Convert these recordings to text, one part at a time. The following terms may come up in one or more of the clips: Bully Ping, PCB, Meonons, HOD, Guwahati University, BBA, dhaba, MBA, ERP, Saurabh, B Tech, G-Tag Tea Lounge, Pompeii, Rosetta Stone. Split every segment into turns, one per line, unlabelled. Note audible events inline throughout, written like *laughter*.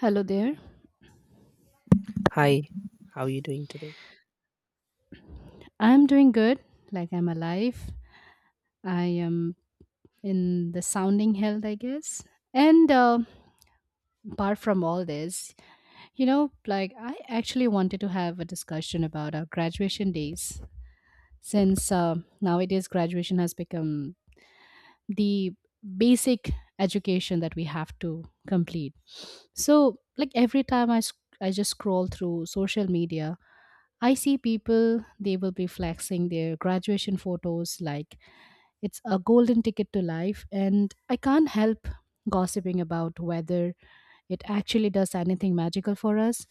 Hello there.
Hi, how are you doing today?
I'm doing good. Like I'm alive. I am in the sounding health, I guess. And apart from all this, you know, like I actually wanted to have a discussion about our graduation days since nowadays graduation has become the basic education that we have to complete. So, like every time I just scroll through social media, I see people, they will be flexing their graduation photos like it's a golden ticket to life, and I can't help gossiping about whether it actually does anything magical for us.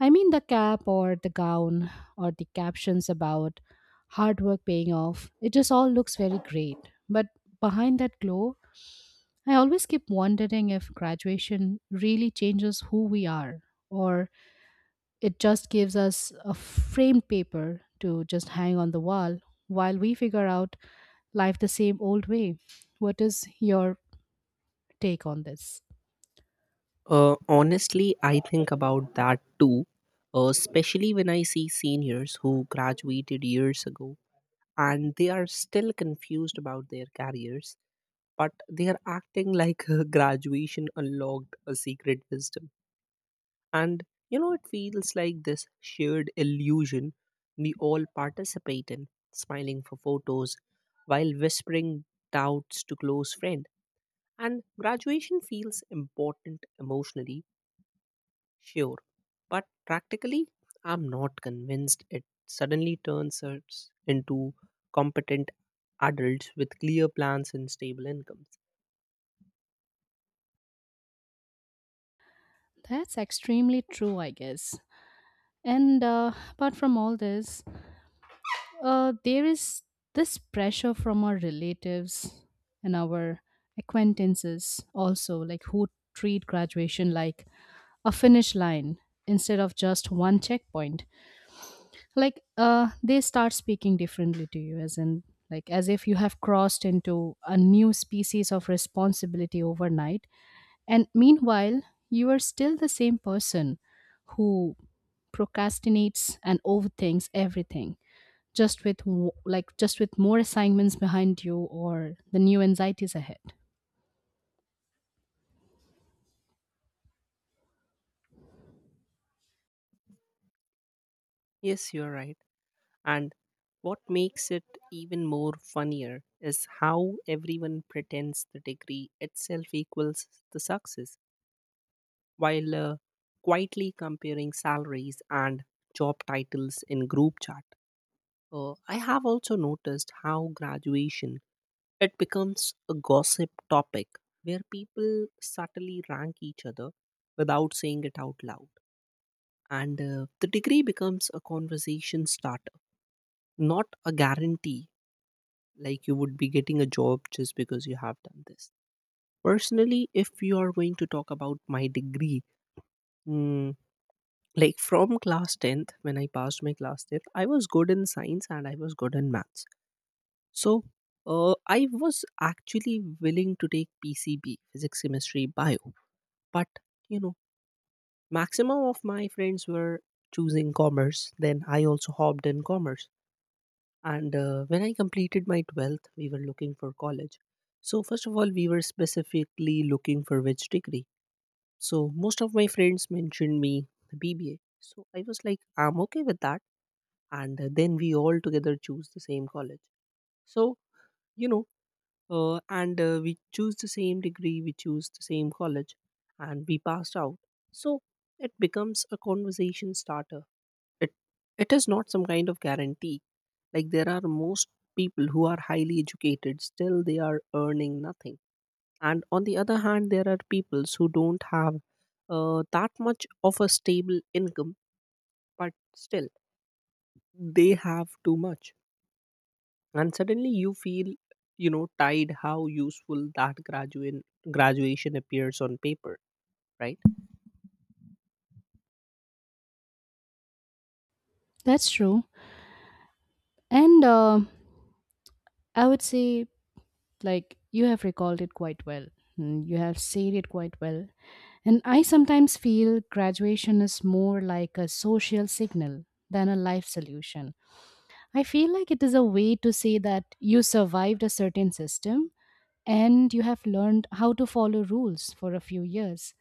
I mean, the cap or the gown or the captions about hard work paying off, it just all looks very great. But behind that glow, I always keep wondering if graduation really changes who we are or it just gives us a framed paper to just hang on the wall while we figure out life the same old way. What is your take on this?
Honestly, I think about that too, especially when I see seniors who graduated years ago and they are still confused about their careers, but they are acting like *laughs* graduation unlocked a secret wisdom. And it feels like this shared illusion we all participate in, smiling for photos while whispering doubts to close friend. And graduation feels important emotionally, sure, but practically, I'm not convinced it suddenly turns us into competent adults with clear plans and stable incomes.
That's extremely true, I guess. And apart from all this, there is this pressure from our relatives and our acquaintances also, like who treat graduation like a finish line instead of just one checkpoint. Like they start speaking differently to you as in like as if you have crossed into a new species of responsibility overnight, and meanwhile you are still the same person who procrastinates and overthinks everything, just with just with more assignments behind you or the new anxieties ahead.
Yes, you're right. And what makes it even more funnier is how everyone pretends the degree itself equals the success, while quietly comparing salaries and job titles in group chat. I have also noticed how graduation it becomes a gossip topic where people subtly rank each other without saying it out loud, and the degree becomes a conversation starter, not a guarantee like you would be getting a job just because you have done this. Personally, if you are going to talk about my degree, mm, like from class 10th, when I passed my class 10th, I was good in science and I was good in maths. So I was actually willing to take PCB, physics, chemistry, bio, but you know, maximum of my friends were choosing commerce. Then I also hopped in commerce. And when I completed my 12th, we were looking for college. So, first of all, we were specifically looking for which degree. So, most of my friends mentioned me BBA. So, I was like, I'm okay with that. And then we all together choose the same college. So, you know, and we choose the same degree. We choose the same college and we passed out. So it becomes a conversation starter. It it is not some kind of guarantee. Like there are most people who are highly educated, still they are earning nothing, and on the other hand there are peoples who don't have that much of a stable income, but still they have too much. And suddenly you feel, tied how useful that graduate graduation appears on paper, right?
That's true, and I would say, like, you have recalled it quite well. Mm, you have said it quite well. And I sometimes feel graduation is more like a social signal than a life solution. I feel like it is a way to say that you survived a certain system and you have learned how to follow rules for a few years.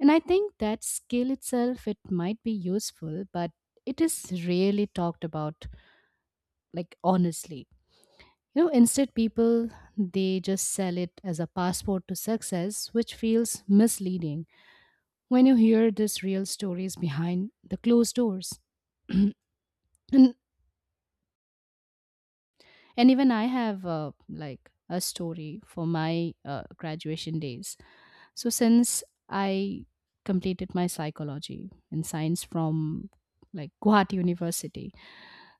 And I think that skill itself, it might be useful, but it is rarely talked about like honestly. You know, instead people, they just sell it as a passport to success, which feels misleading, when you hear this real stories behind the closed doors *clears throat* and even I have like a story for my graduation days. So since I completed my psychology and science from like Guwahati University,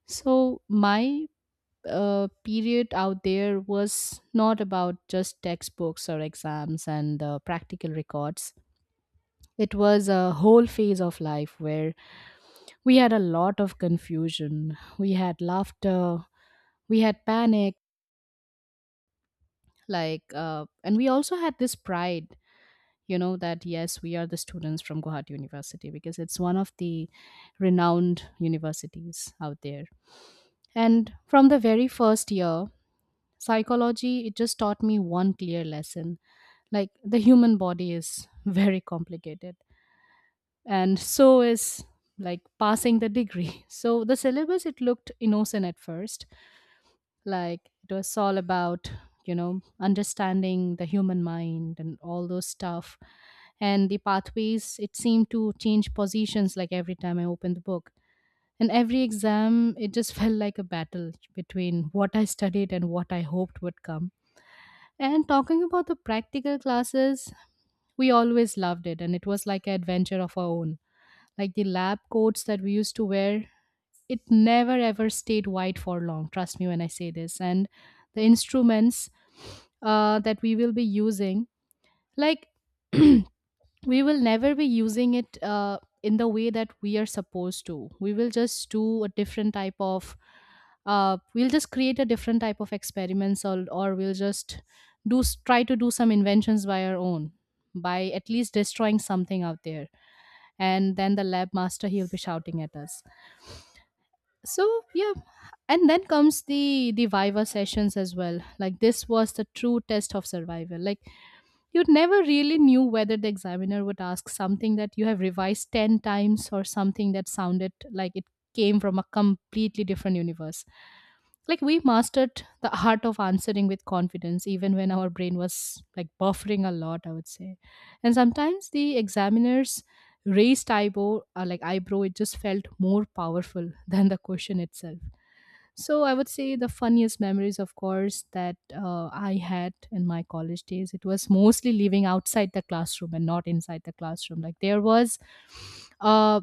so my period out there was not about just textbooks or exams and practical records. It was a whole phase of life where we had a lot of confusion. We had laughter, we had panic, like, and we also had this pride, you know, that yes, we are the students from Guwahati University because it's one of the renowned universities out there. And from the very first year, psychology, it just taught me one clear lesson, like, the human body is *laughs* very complicated, and so is like passing the degree. *laughs* So the syllabus, it looked innocent at first, like it was all about, you know, understanding the human mind and all those stuff, and the pathways, it seemed to change positions like every time I opened the book. And every exam, it just *laughs* felt like a battle between what I studied and what I hoped would come. And talking about the practical classes, we always loved it, and it was like an adventure of our own. Like the lab coats that we used to wear, it never ever stayed white for long. Trust me when I say this. And the instruments that we will be using, like *clears throat* we will never be using it in the way that we are supposed to. We will just do a different type of we'll just create a different type of experiments, or we'll just try to do some inventions by our own, by at least destroying something out there, and then the lab master, he'll be shouting at us. So yeah. And then comes the viva sessions as well. Like this was the true test of survival. Like, you never really knew whether the examiner would ask something that you have revised 10 times or something that sounded like it came from a completely different universe. Like we mastered the art of answering with confidence, even when our brain was like buffering a lot, I would say. And sometimes the examiner's raised eyebrow, eyebrow, it just felt more powerful *laughs* than the question itself. So I would say the funniest memories, of course, that I had in my college days, it was mostly living outside the classroom and not inside the classroom. Like there was, uh,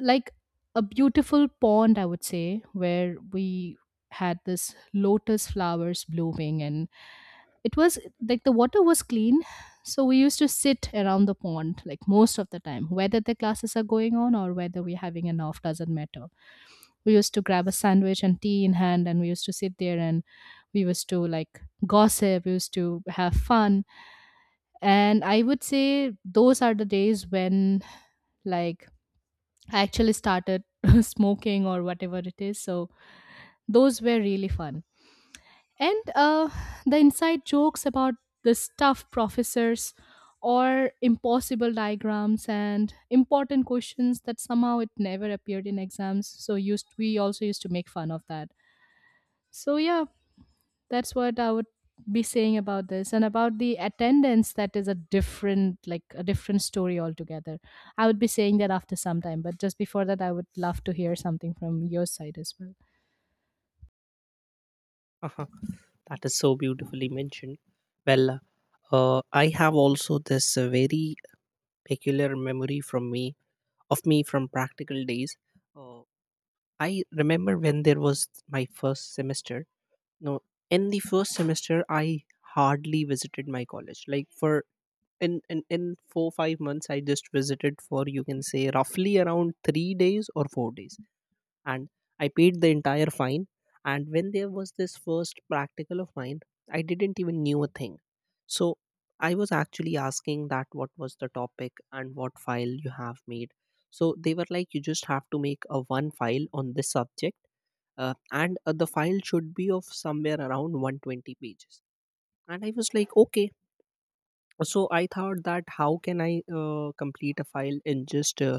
like a beautiful pond, I would say, where we had this lotus flowers blooming, and it was like the water was clean. So we used to sit around the pond like most of the time, whether the classes are going on or whether we're having an off, doesn't matter, we used to grab a sandwich and tea in hand, and we used to sit there, and we used to like gossip, we used to have fun. And I would say those are the days when, like, I actually started *laughs* smoking or whatever it is. So those were really fun. And the inside jokes about the stuff professors or impossible diagrams and important questions that somehow it never appeared in exams, so used we also used to make fun of that. So yeah. That's what I would be saying about this, and about the attendance, that is a different, like a different story altogether. I would be saying that after some time, but just before that, I would love to hear something from your side as well.
Uh-huh. That is so beautifully mentioned. Well, I have also this very peculiar memory from me of me from practical days. uh, I remember when there was my first semester. No, in the first semester I hardly visited my college, like for in 4 5 months. I just visited for, you can say, roughly around 3 days or 4 days, and I paid the entire fine. And when there was this first practical of mine, I didn't even knew a thing. So I was actually asking that what was the topic and what file you have made. So they were like, you just have to make a one file on this subject. And The file should be of somewhere around 120 pages. And I was like, okay. So I thought that how can I complete a file in just uh,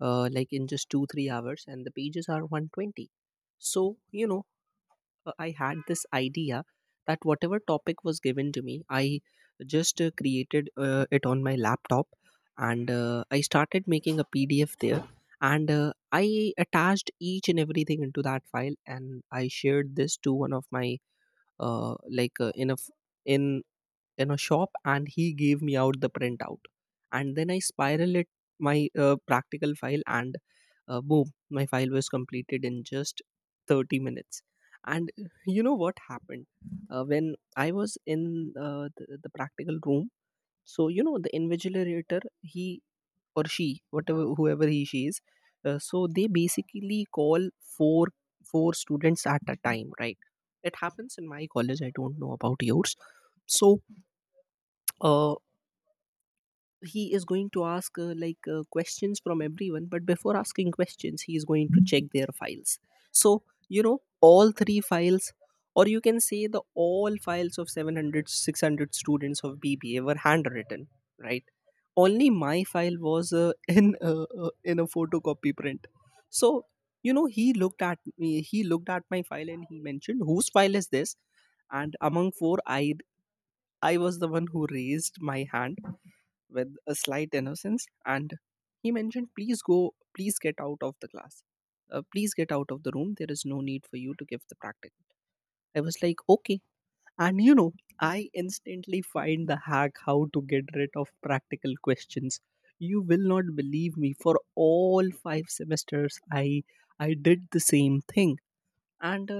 uh, like in just 2 3 hours and the pages are 120. So I had this idea that whatever topic was given to me, I just created it on my laptop. And I started making a pdf there. And I attached each and everything into that file, and I shared this to one of my uh, in a in in a shop, and he gave me out the printout. And then I spiral it my practical file. And boom, my file was completed in just 30 minutes. And you know what happened. When I was in the practical room, so you know the invigilator, he or she, whatever, whoever he she is, so they basically call four four students at a time, right? It happens in my college, I don't know about yours. So uh, he is going to ask questions from everyone, but before asking questions he is going to check their files. So you know, all three files, or you can say the all files of 700, 600 students of bba were handwritten, right? Only my file was *laughs* in a photocopy print. So you know, he looked at me, he looked at my file, and he mentioned, whose file is this? And among four, I was the one who raised my hand with a slight innocence. And he mentioned, please go, please get out of the class. Please get out of the room, there is no need for you to give the practical. I was like, okay. And you know, I instantly find the hack how to get rid of practical questions. You will not believe me, for all 5 semesters I did the same thing. And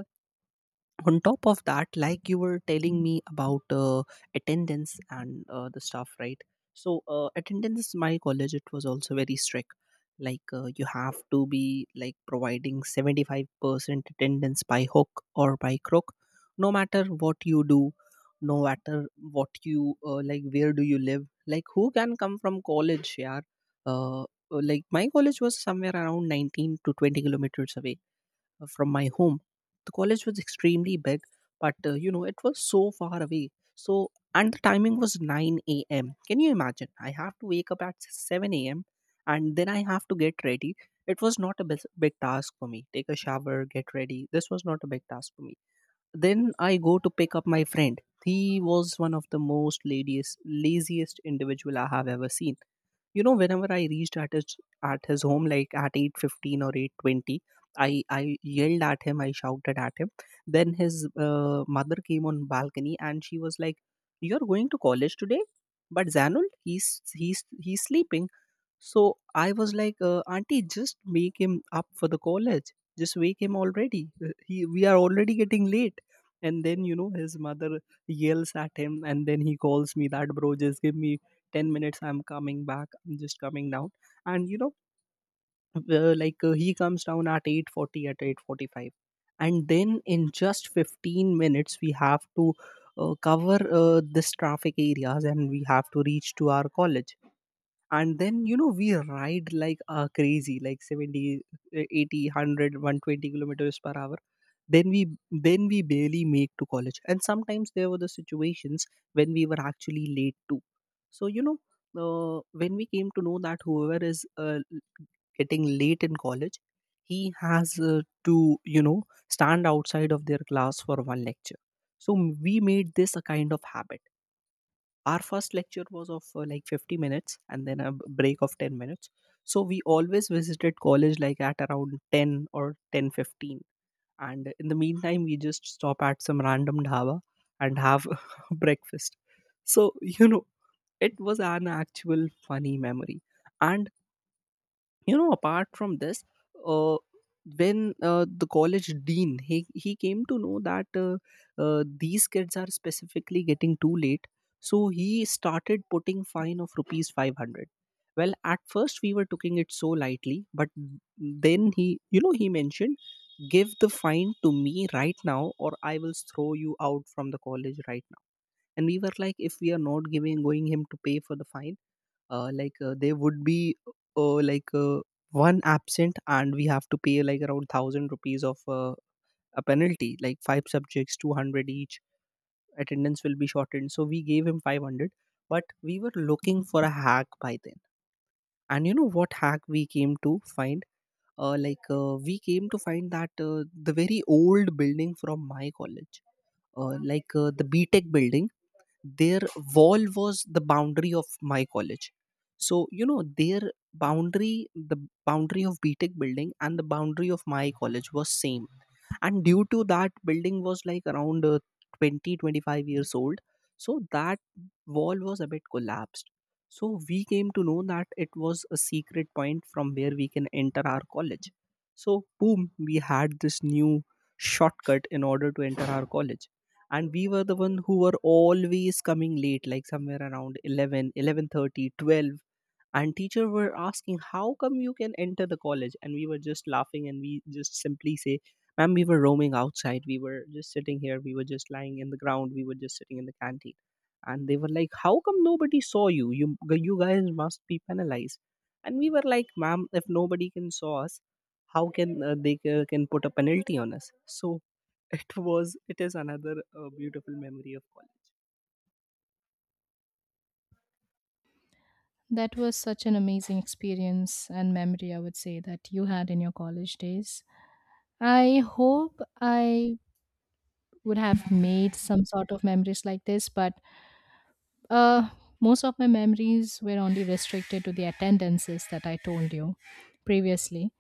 on top of that, like you were telling me about attendance and the stuff, right? So attendance, my college, it was also very strict. Like you have to be like providing 75% attendance by hook or by crook, no matter what you do, no matter what you like, where do you live, like who can come from college, yeah. uh, like my college was somewhere around 19 to 20 kilometers away from my home. The college was extremely big, but it was so far away. So, and the timing was 9 a.m. Can you imagine? I have to wake up at 7 a.m. and then I have to get ready. It was not a big task for me. Take a shower, get ready. This was not a big task for me. Then I go to pick up my friend. He was one of the most laziest individual I have ever seen. You know, whenever I reached at his home like at 8:15 or 8:20, i I yelled at him, I shouted at him. Then his mother came on balcony and she was like, you're going to college today? But Zanul, he's sleeping. So I was like, Auntie, just make him up for the college. Just wake him already. We are already getting late. And then, you know, his mother yells at him. And then he calls me that, bro, just give me 10 minutes. I'm coming back. I'm just coming down. And, you know, he comes down at 8:40, at 8:45. And then in just 15 minutes, we have to cover this traffic areas and we have to reach to our college. And then you know, we ride like crazy, like 70 80 100, 120 kilometers per hour. Then we then we barely make to college, and sometimes there were the situations when we were actually late too. So you know, when we came to know that whoever is getting late in college, he has to stand outside of their class for one lecture. So we made this a kind of habit. Our first lecture was of like 50 minutes, and then a break of 10 minutes. So we always visited college like at around 10 or 10:15, and in the meantime we just stop at some random dhaba and have *laughs* breakfast. So you know, it was an actual funny memory. And you know, apart from this, uh, when the college dean, he came to know that these kids are specifically getting too late, so he started putting fine of rupees 500. Well, at first we were taking it so lightly, but then he you know he mentioned, give the fine to me right now, or I will throw you out from the college right now. And we were like, if we are not giving going him to pay for the fine, they would be uh, like uh, one absent, and we have to pay like around 1,000 rupees of a penalty, like five subjects 200 each. Attendance will be shortened, so we gave him 500. But we were looking for a hack by then. And you know what hack we came to find. We came to find that the very old building from my college, the B Tech building, their wall was the boundary of my college. So you know, the boundary of btech building and the boundary of my college was same. And due to that, building was like around 20 25 years old, so that wall was a bit collapsed. So we came to know that it was a secret point from where we can enter our college. So boom, we had this new shortcut in order to enter our college. And we were the one who were always coming late, like somewhere Around 11, 11:30, 12, and teacher were asking how come you can enter the college. And we were just laughing and we just simply say, ma'am, we were roaming outside, we were just sitting here, we were just lying in the ground, we were just sitting in the canteen. And they were like, how come nobody saw you, you guys must be penalized. And we were like, ma'am, if nobody can saw us, how can they can put a penalty on us? So *laughs* it is another beautiful memory of college.
That was such an amazing experience and memory, I would say, that you had in your college days. I hope I would have made some sort of memories like this, but uh most of my memories were only restricted to the attendances that I told you previously.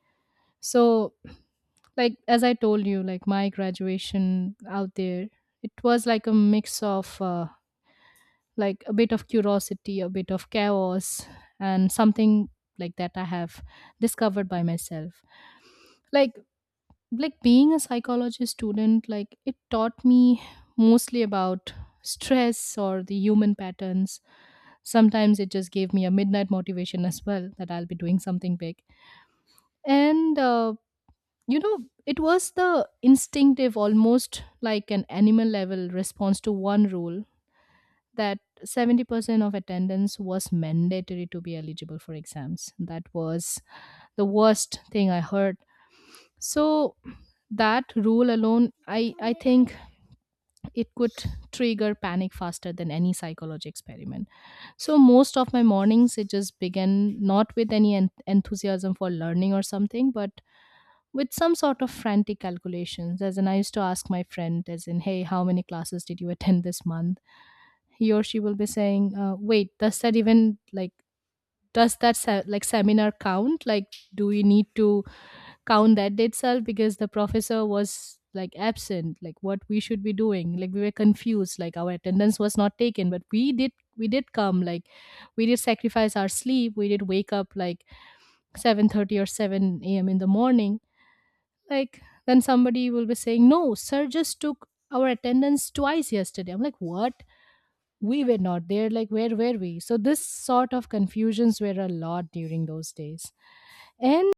So like, as I told you, like my graduation out there, it was like a mix of like a bit of curiosity, a bit of chaos, and something like that I have discovered by myself. like like being a psychology student, like it taught me mostly about stress or the human patterns. Sometimes it just gave me a midnight motivation as well, that I'll be doing something big. And you know, it was the instinctive, almost like an animal level response to one rule, that 70% of attendance was mandatory to be eligible for exams. That was the worst thing I heard. So that rule alone, I think it could trigger panic faster than any psychology experiment. So most of my mornings, it just began not with any enthusiasm for learning or something, but with some sort of frantic calculations. As in, I used to ask my friend, as in, hey, how many classes did you attend this month? He or she will be saying, wait, does that even like seminar count? Like, do we need to count that day itself because the professor was like absent? Like, what we should be doing? Like, we were confused. Like, our attendance was not taken, but we did come. Like, we did sacrifice our sleep. We did wake up like 7:30 or seven a.m. in the morning. Like then somebody will be saying, "No, sir just took our attendance twice yesterday." I'm like, "What? We were not there. Like where were we?" So this sort of confusions were a lot during those days. And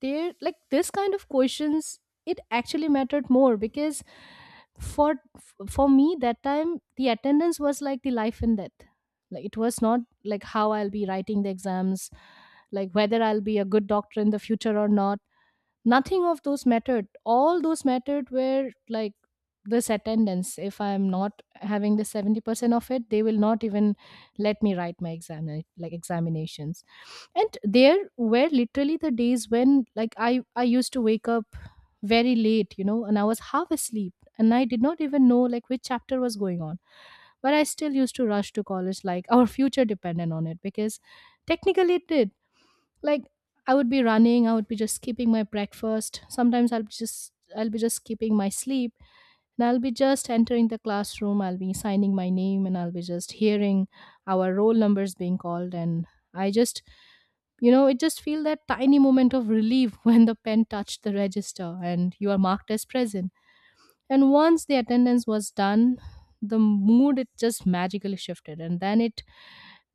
there like this kind of questions, it actually mattered more, because for for me that time, the attendance was like the life and death. Like it was not like how I'll be writing the exams, like whether I'll be a good doctor in the future or not. Nothing of those mattered. All those mattered were like this attendance. If I'm not having the 70% of it, they will not even let me write my exam, like examinations. And there were literally the days when, like, I used to wake up very late, you know, and I was half asleep and I did not even know like which chapter was going on, but I still used to rush to college like *laughs* our future depended on it, because technically it did. Like I would be running, I would be just skipping my breakfast, sometimes I'll be just skipping my sleep, and I'll be just entering the classroom, I'll be signing my name, and I'll be just hearing our roll numbers being called. And I just, you know, it just feel that tiny moment of relief *laughs* when the pen touched the register and you are marked as present. And once the attendance was done, the mood, it just magically shifted. And then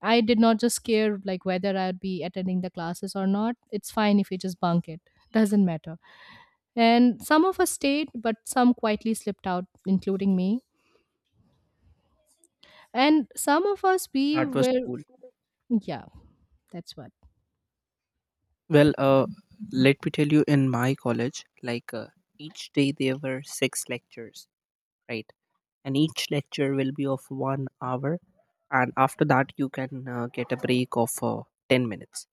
I did not just care like whether I'd be attending the classes or not. It's fine if you just bunk it. Doesn't matter. And some of us stayed, but some quietly slipped out, including me. And some of us,
That was cool.
yeah, that's what.
Well, let me tell you, in my college, like each day there were six lectures, right? And each lecture will be of 1 hour, and after that you can get a break of 10 minutes.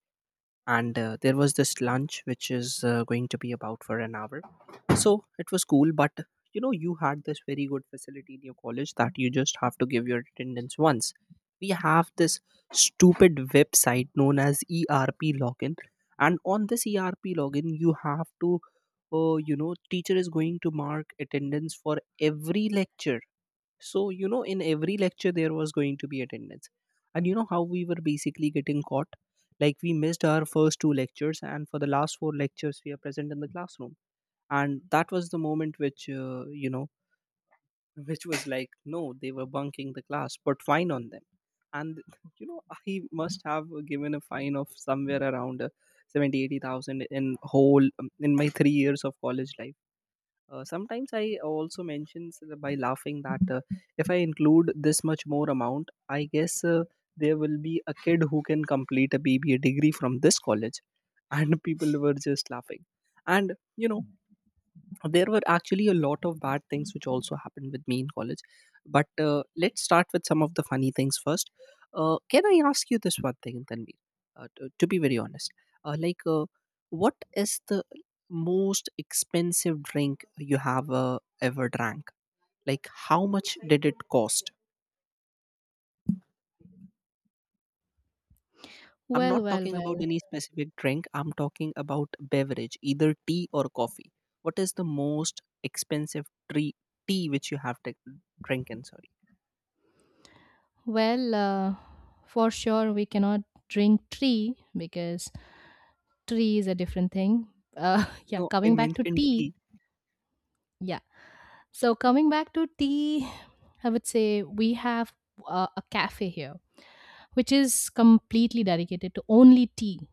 And there was this lunch which is going to be about for an hour. So it was cool. But you know you had this very good facility in your college that you just have to give your attendance once. We have this stupid website known as ERP login, and on this ERP login you have to you know teacher is going to mark attendance for every lecture. So, you know, in every lecture, there was going to be attendance. And you know how we were basically getting caught? Like, we missed our first two lectures, and for the last four lectures, we are present in the classroom. And that was the moment which, you know, *laughs* which was like, no, they were bunking the class, but fine on them. And, *laughs* you know, I must have given a fine of somewhere around 70, 80,000 in whole, in my 3 years of college life. Sometimes I also mentions by laughing that if I include this much more amount, I guess there will be a kid who can complete a BBA degree from this college, and *laughs* people were just laughing. And you know, there were actually a lot of bad things which also happened with me in college. But let's start with some of the funny things first. Can I ask you this one thing, Tanvi? To be very honest, like what is the most expensive drink you have ever drank? Like, how much did it cost? I'm
Well,
not
well,
talking about
well,
any specific drink, I'm talking about beverage, either tea or coffee. What is the most expensive tree, tea which you have drinking, sorry.
well, for sure, we cannot drink tea because tea is a different thing. *laughs* Yeah,
No, I
coming back to
mentioned
tea,
tea.
yeah, So coming back to tea, I would say we have a cafe here, which is completely dedicated to only tea.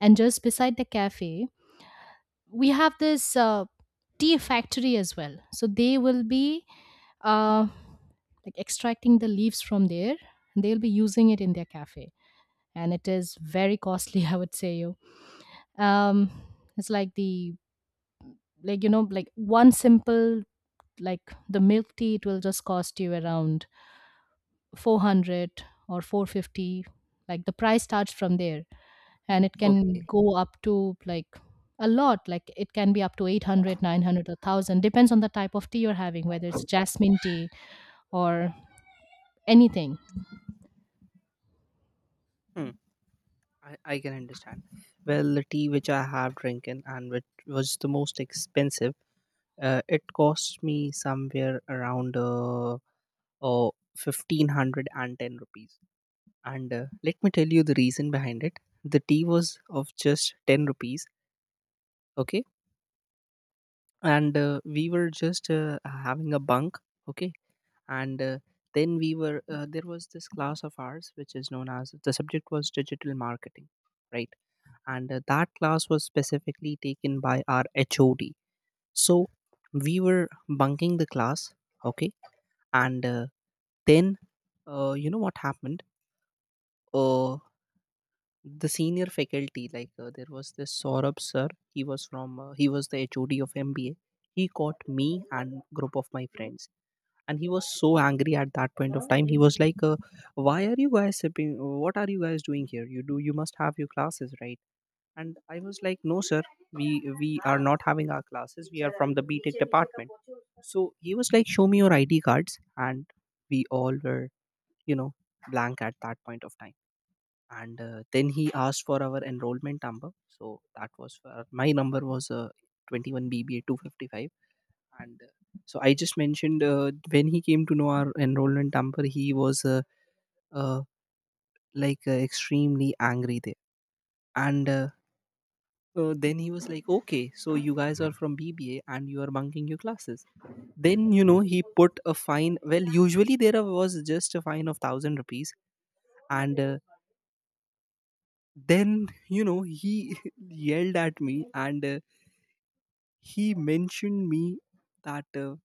And just beside the cafe, we have this tea factory as well. So they will be uh, like extracting the leaves from there, and they'll be using it in their cafe. And it is very costly, *laughs* I would say. Um, it's like the like you know like one simple, like, the milk tea, it will just cost you around 400 or 450. Like, the price starts from there, and it can
Okay.
go up to a lot. Like, it can be up to 800, 900, 900 or 1000, depends on the type of tea you're having, whether it's jasmine tea or anything.
Hmm. *laughs* I can understand. Well, the tea which I have drinking and which was the most expensive, it cost me somewhere around oh, 1510 rupees. And let me tell you the reason behind it. The tea was of just 10 rupees. Okay. And we were just having a bunk. Okay. And then we were, there was this class of ours which is known as, the subject was digital marketing, right? And that class was specifically taken by our HOD. So we were bunking the class, okay, and then you know what happened? Uh, the senior faculty, like there was this Saurabh sir, he was from he was the HOD of MBA. He caught me and group of my friends, and he was so angry at that point of time. He was like, why are you guys sipping? What are you guys doing here? You do you must have your classes, right? And I was like, no sir, we we are not having our classes, we are from the BTech department. So he was like, show me your ID cards. And we all were, you know, blank at that point of time. And then he asked for our enrollment number. So that was for my number was 21 BBA 255. And so I just mentioned, when he came to know our enrollment number he was, uh, like extremely angry there. And so then he was like, okay, so you guys are from BBA and you are bunking your classes. Then, you know, he put a fine. Well, usually there was just a fine of thousand rupees. And then, you know, he *laughs* yelled at me. And he mentioned me that uh,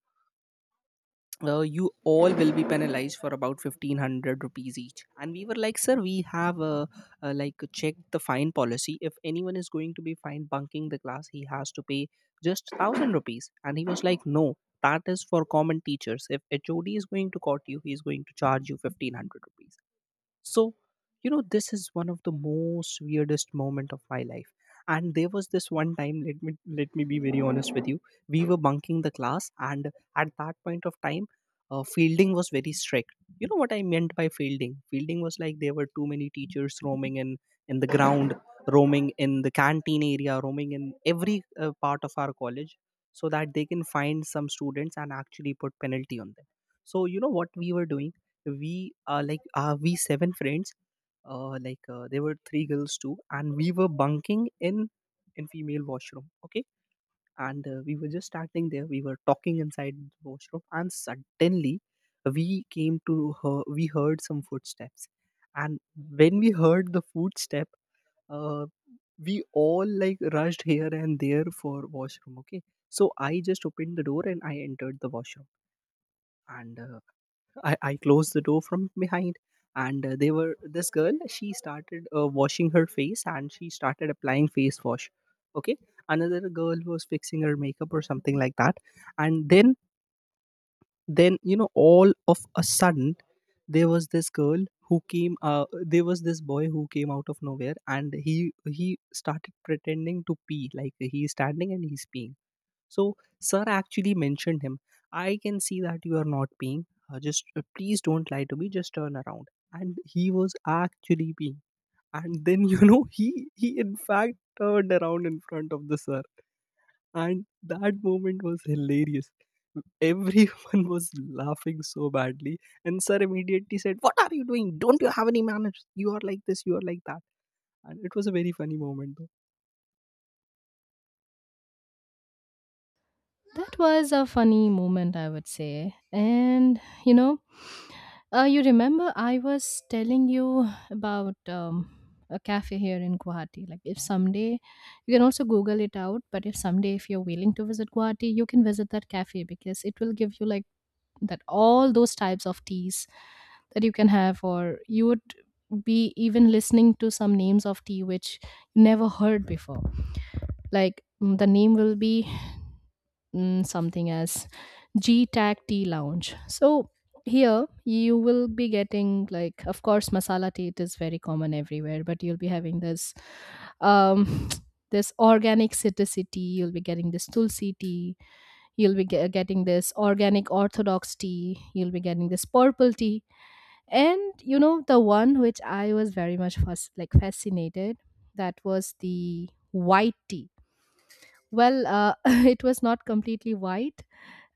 uh, you all will be penalized for about 1500 rupees each. And we were like, sir, we have like checked the fine policy, if anyone is going to be fined bunking the class he has to pay just 1000 rupees. And he was like, no, that is for common teachers, if HOD is going to court you he is going to charge you 1500 rupees. So you know this is one of the most weirdest moment of my life. And there was this one time, let me be very honest with you. We were bunking the class, and at that point of time, fielding was very strict. You know what I meant by fielding? Fielding was like there were too many teachers roaming in the ground, roaming in the canteen area, roaming in every part of our college, so that they can find some students and actually put penalty on them. So you know what we were doing? We are like, are we seven friends. Like there were three girls too, and we were bunking in female washroom, okay. And we were just standing there, we were talking inside the washroom, and suddenly we came to her, we heard some footsteps. And when we heard the footstep, uh, we all like rushed here and there for washroom, okay. So I just opened the door and I entered the washroom. And I closed the door from behind. And they were this girl, she started washing her face and she started applying face wash. Okay. Another girl was fixing her makeup or something like that. And then you know all of a sudden there was this boy who came out of nowhere and he started pretending to pee, like he's standing and he's peeing. So, sir actually mentioned him, I can see that you are not paying. Just please don't lie to me. Just turn around. And he was actually paying. And then *laughs* you know he in fact turned around in front of the sir. And that moment was hilarious. Everyone *laughs* was laughing so badly. And sir immediately said, what are you doing? Don't you have any manners? You are like this. You are like that. And it was a very funny moment.
That was a funny moment, I would say. And, you know, you remember I was telling you about a cafe here in Guwahati. Like, if someday you can also Google it out, but if someday if you're willing to visit Guwahati, you can visit that cafe because it will give you like that, all those types of teas that you can have, or you would be even listening to some names of tea which you never heard before. Like, the name will be something as G-Tag Tea Lounge. So here you will be getting, like, of course masala tea, it is very common everywhere, but you'll be having this um *tsk* this organic citrusy tea, you'll be getting this tulsi tea, you'll be getting this organic orthodox tea, you'll be getting this purple tea. And you know the one which I was very much fascinated, that was the white tea. Well, *laughs* it was not completely white.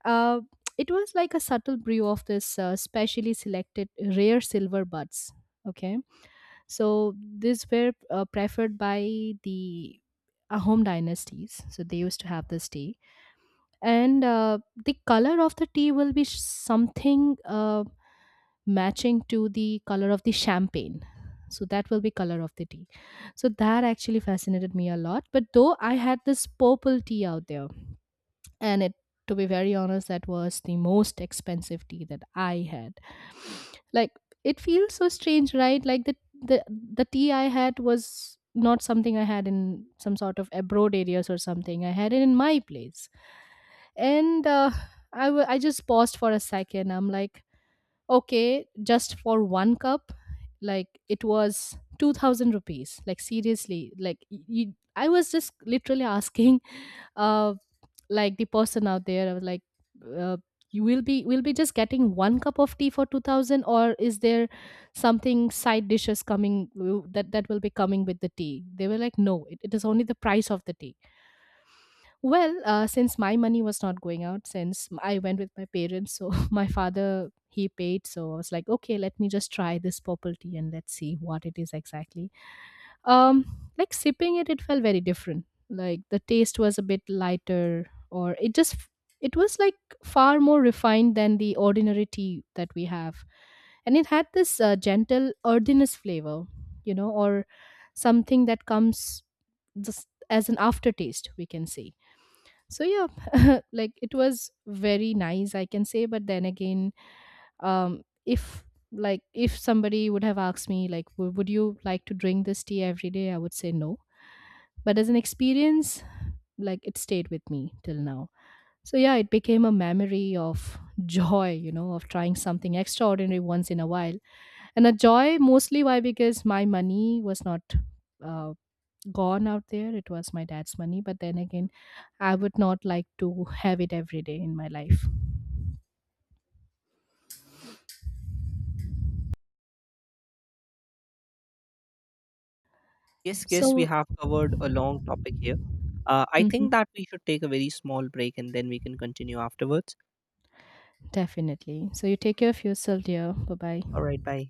uh, it was like a subtle brew of this specially selected rare silver buds. Okay, so these were preferred by the home dynasties. So they used to have this tea, and the color of the tea will be something matching to the color of the champagne. So that will be color of the tea. So that actually fascinated me a lot. But though I had this purple tea out there, and it, to be very honest, that was the most expensive tea that I had. Like, it feels so strange, right? Like the, the tea I had was not something I had in some sort of abroad areas, or something. I had it in my place. And I just paused for a second. I'm like, okay, just for one cup, like it was 2000 rupees. Like, seriously, like I was just literally asking, uh like, the person out there. I was like, uh, you will be, will be just getting one cup of tea for 2000, or is there something side dishes coming, that that will be coming with the tea? They were like, no, it is only the price of the tea. Well, since my money was not going out, since I went with my parents, so *laughs* my father, he paid. So I was like, okay, let me just try this purple tea and let's see what it is exactly. um like, sipping it, it felt very different. Like, the taste was a bit lighter, or it just it was like far more refined than the ordinary tea that we have. And it had this gentle earthiness flavor, you know, or something that comes just as an aftertaste, we can say. So yeah, *laughs* like, it was very nice, I can say. But then again, if, like, if somebody would have asked me like, Would you like to drink this tea every day?" I would say no. But as an experience, like, it stayed with me till now. So yeah, it became a memory of *laughs* joy, you know, of trying something extraordinary once in a while. And a joy mostly, why? Because my money was not uh, gone out there. It was my dad's money. But then again, I would not like to have it every day in my life.
Yes, yes, we
So,
have covered a long topic here. I think
mhm.
that we should take a very small break and then we can continue afterwards.
Definitely. So you take care of yourself, dear. Bye
All
bye.
right, bye.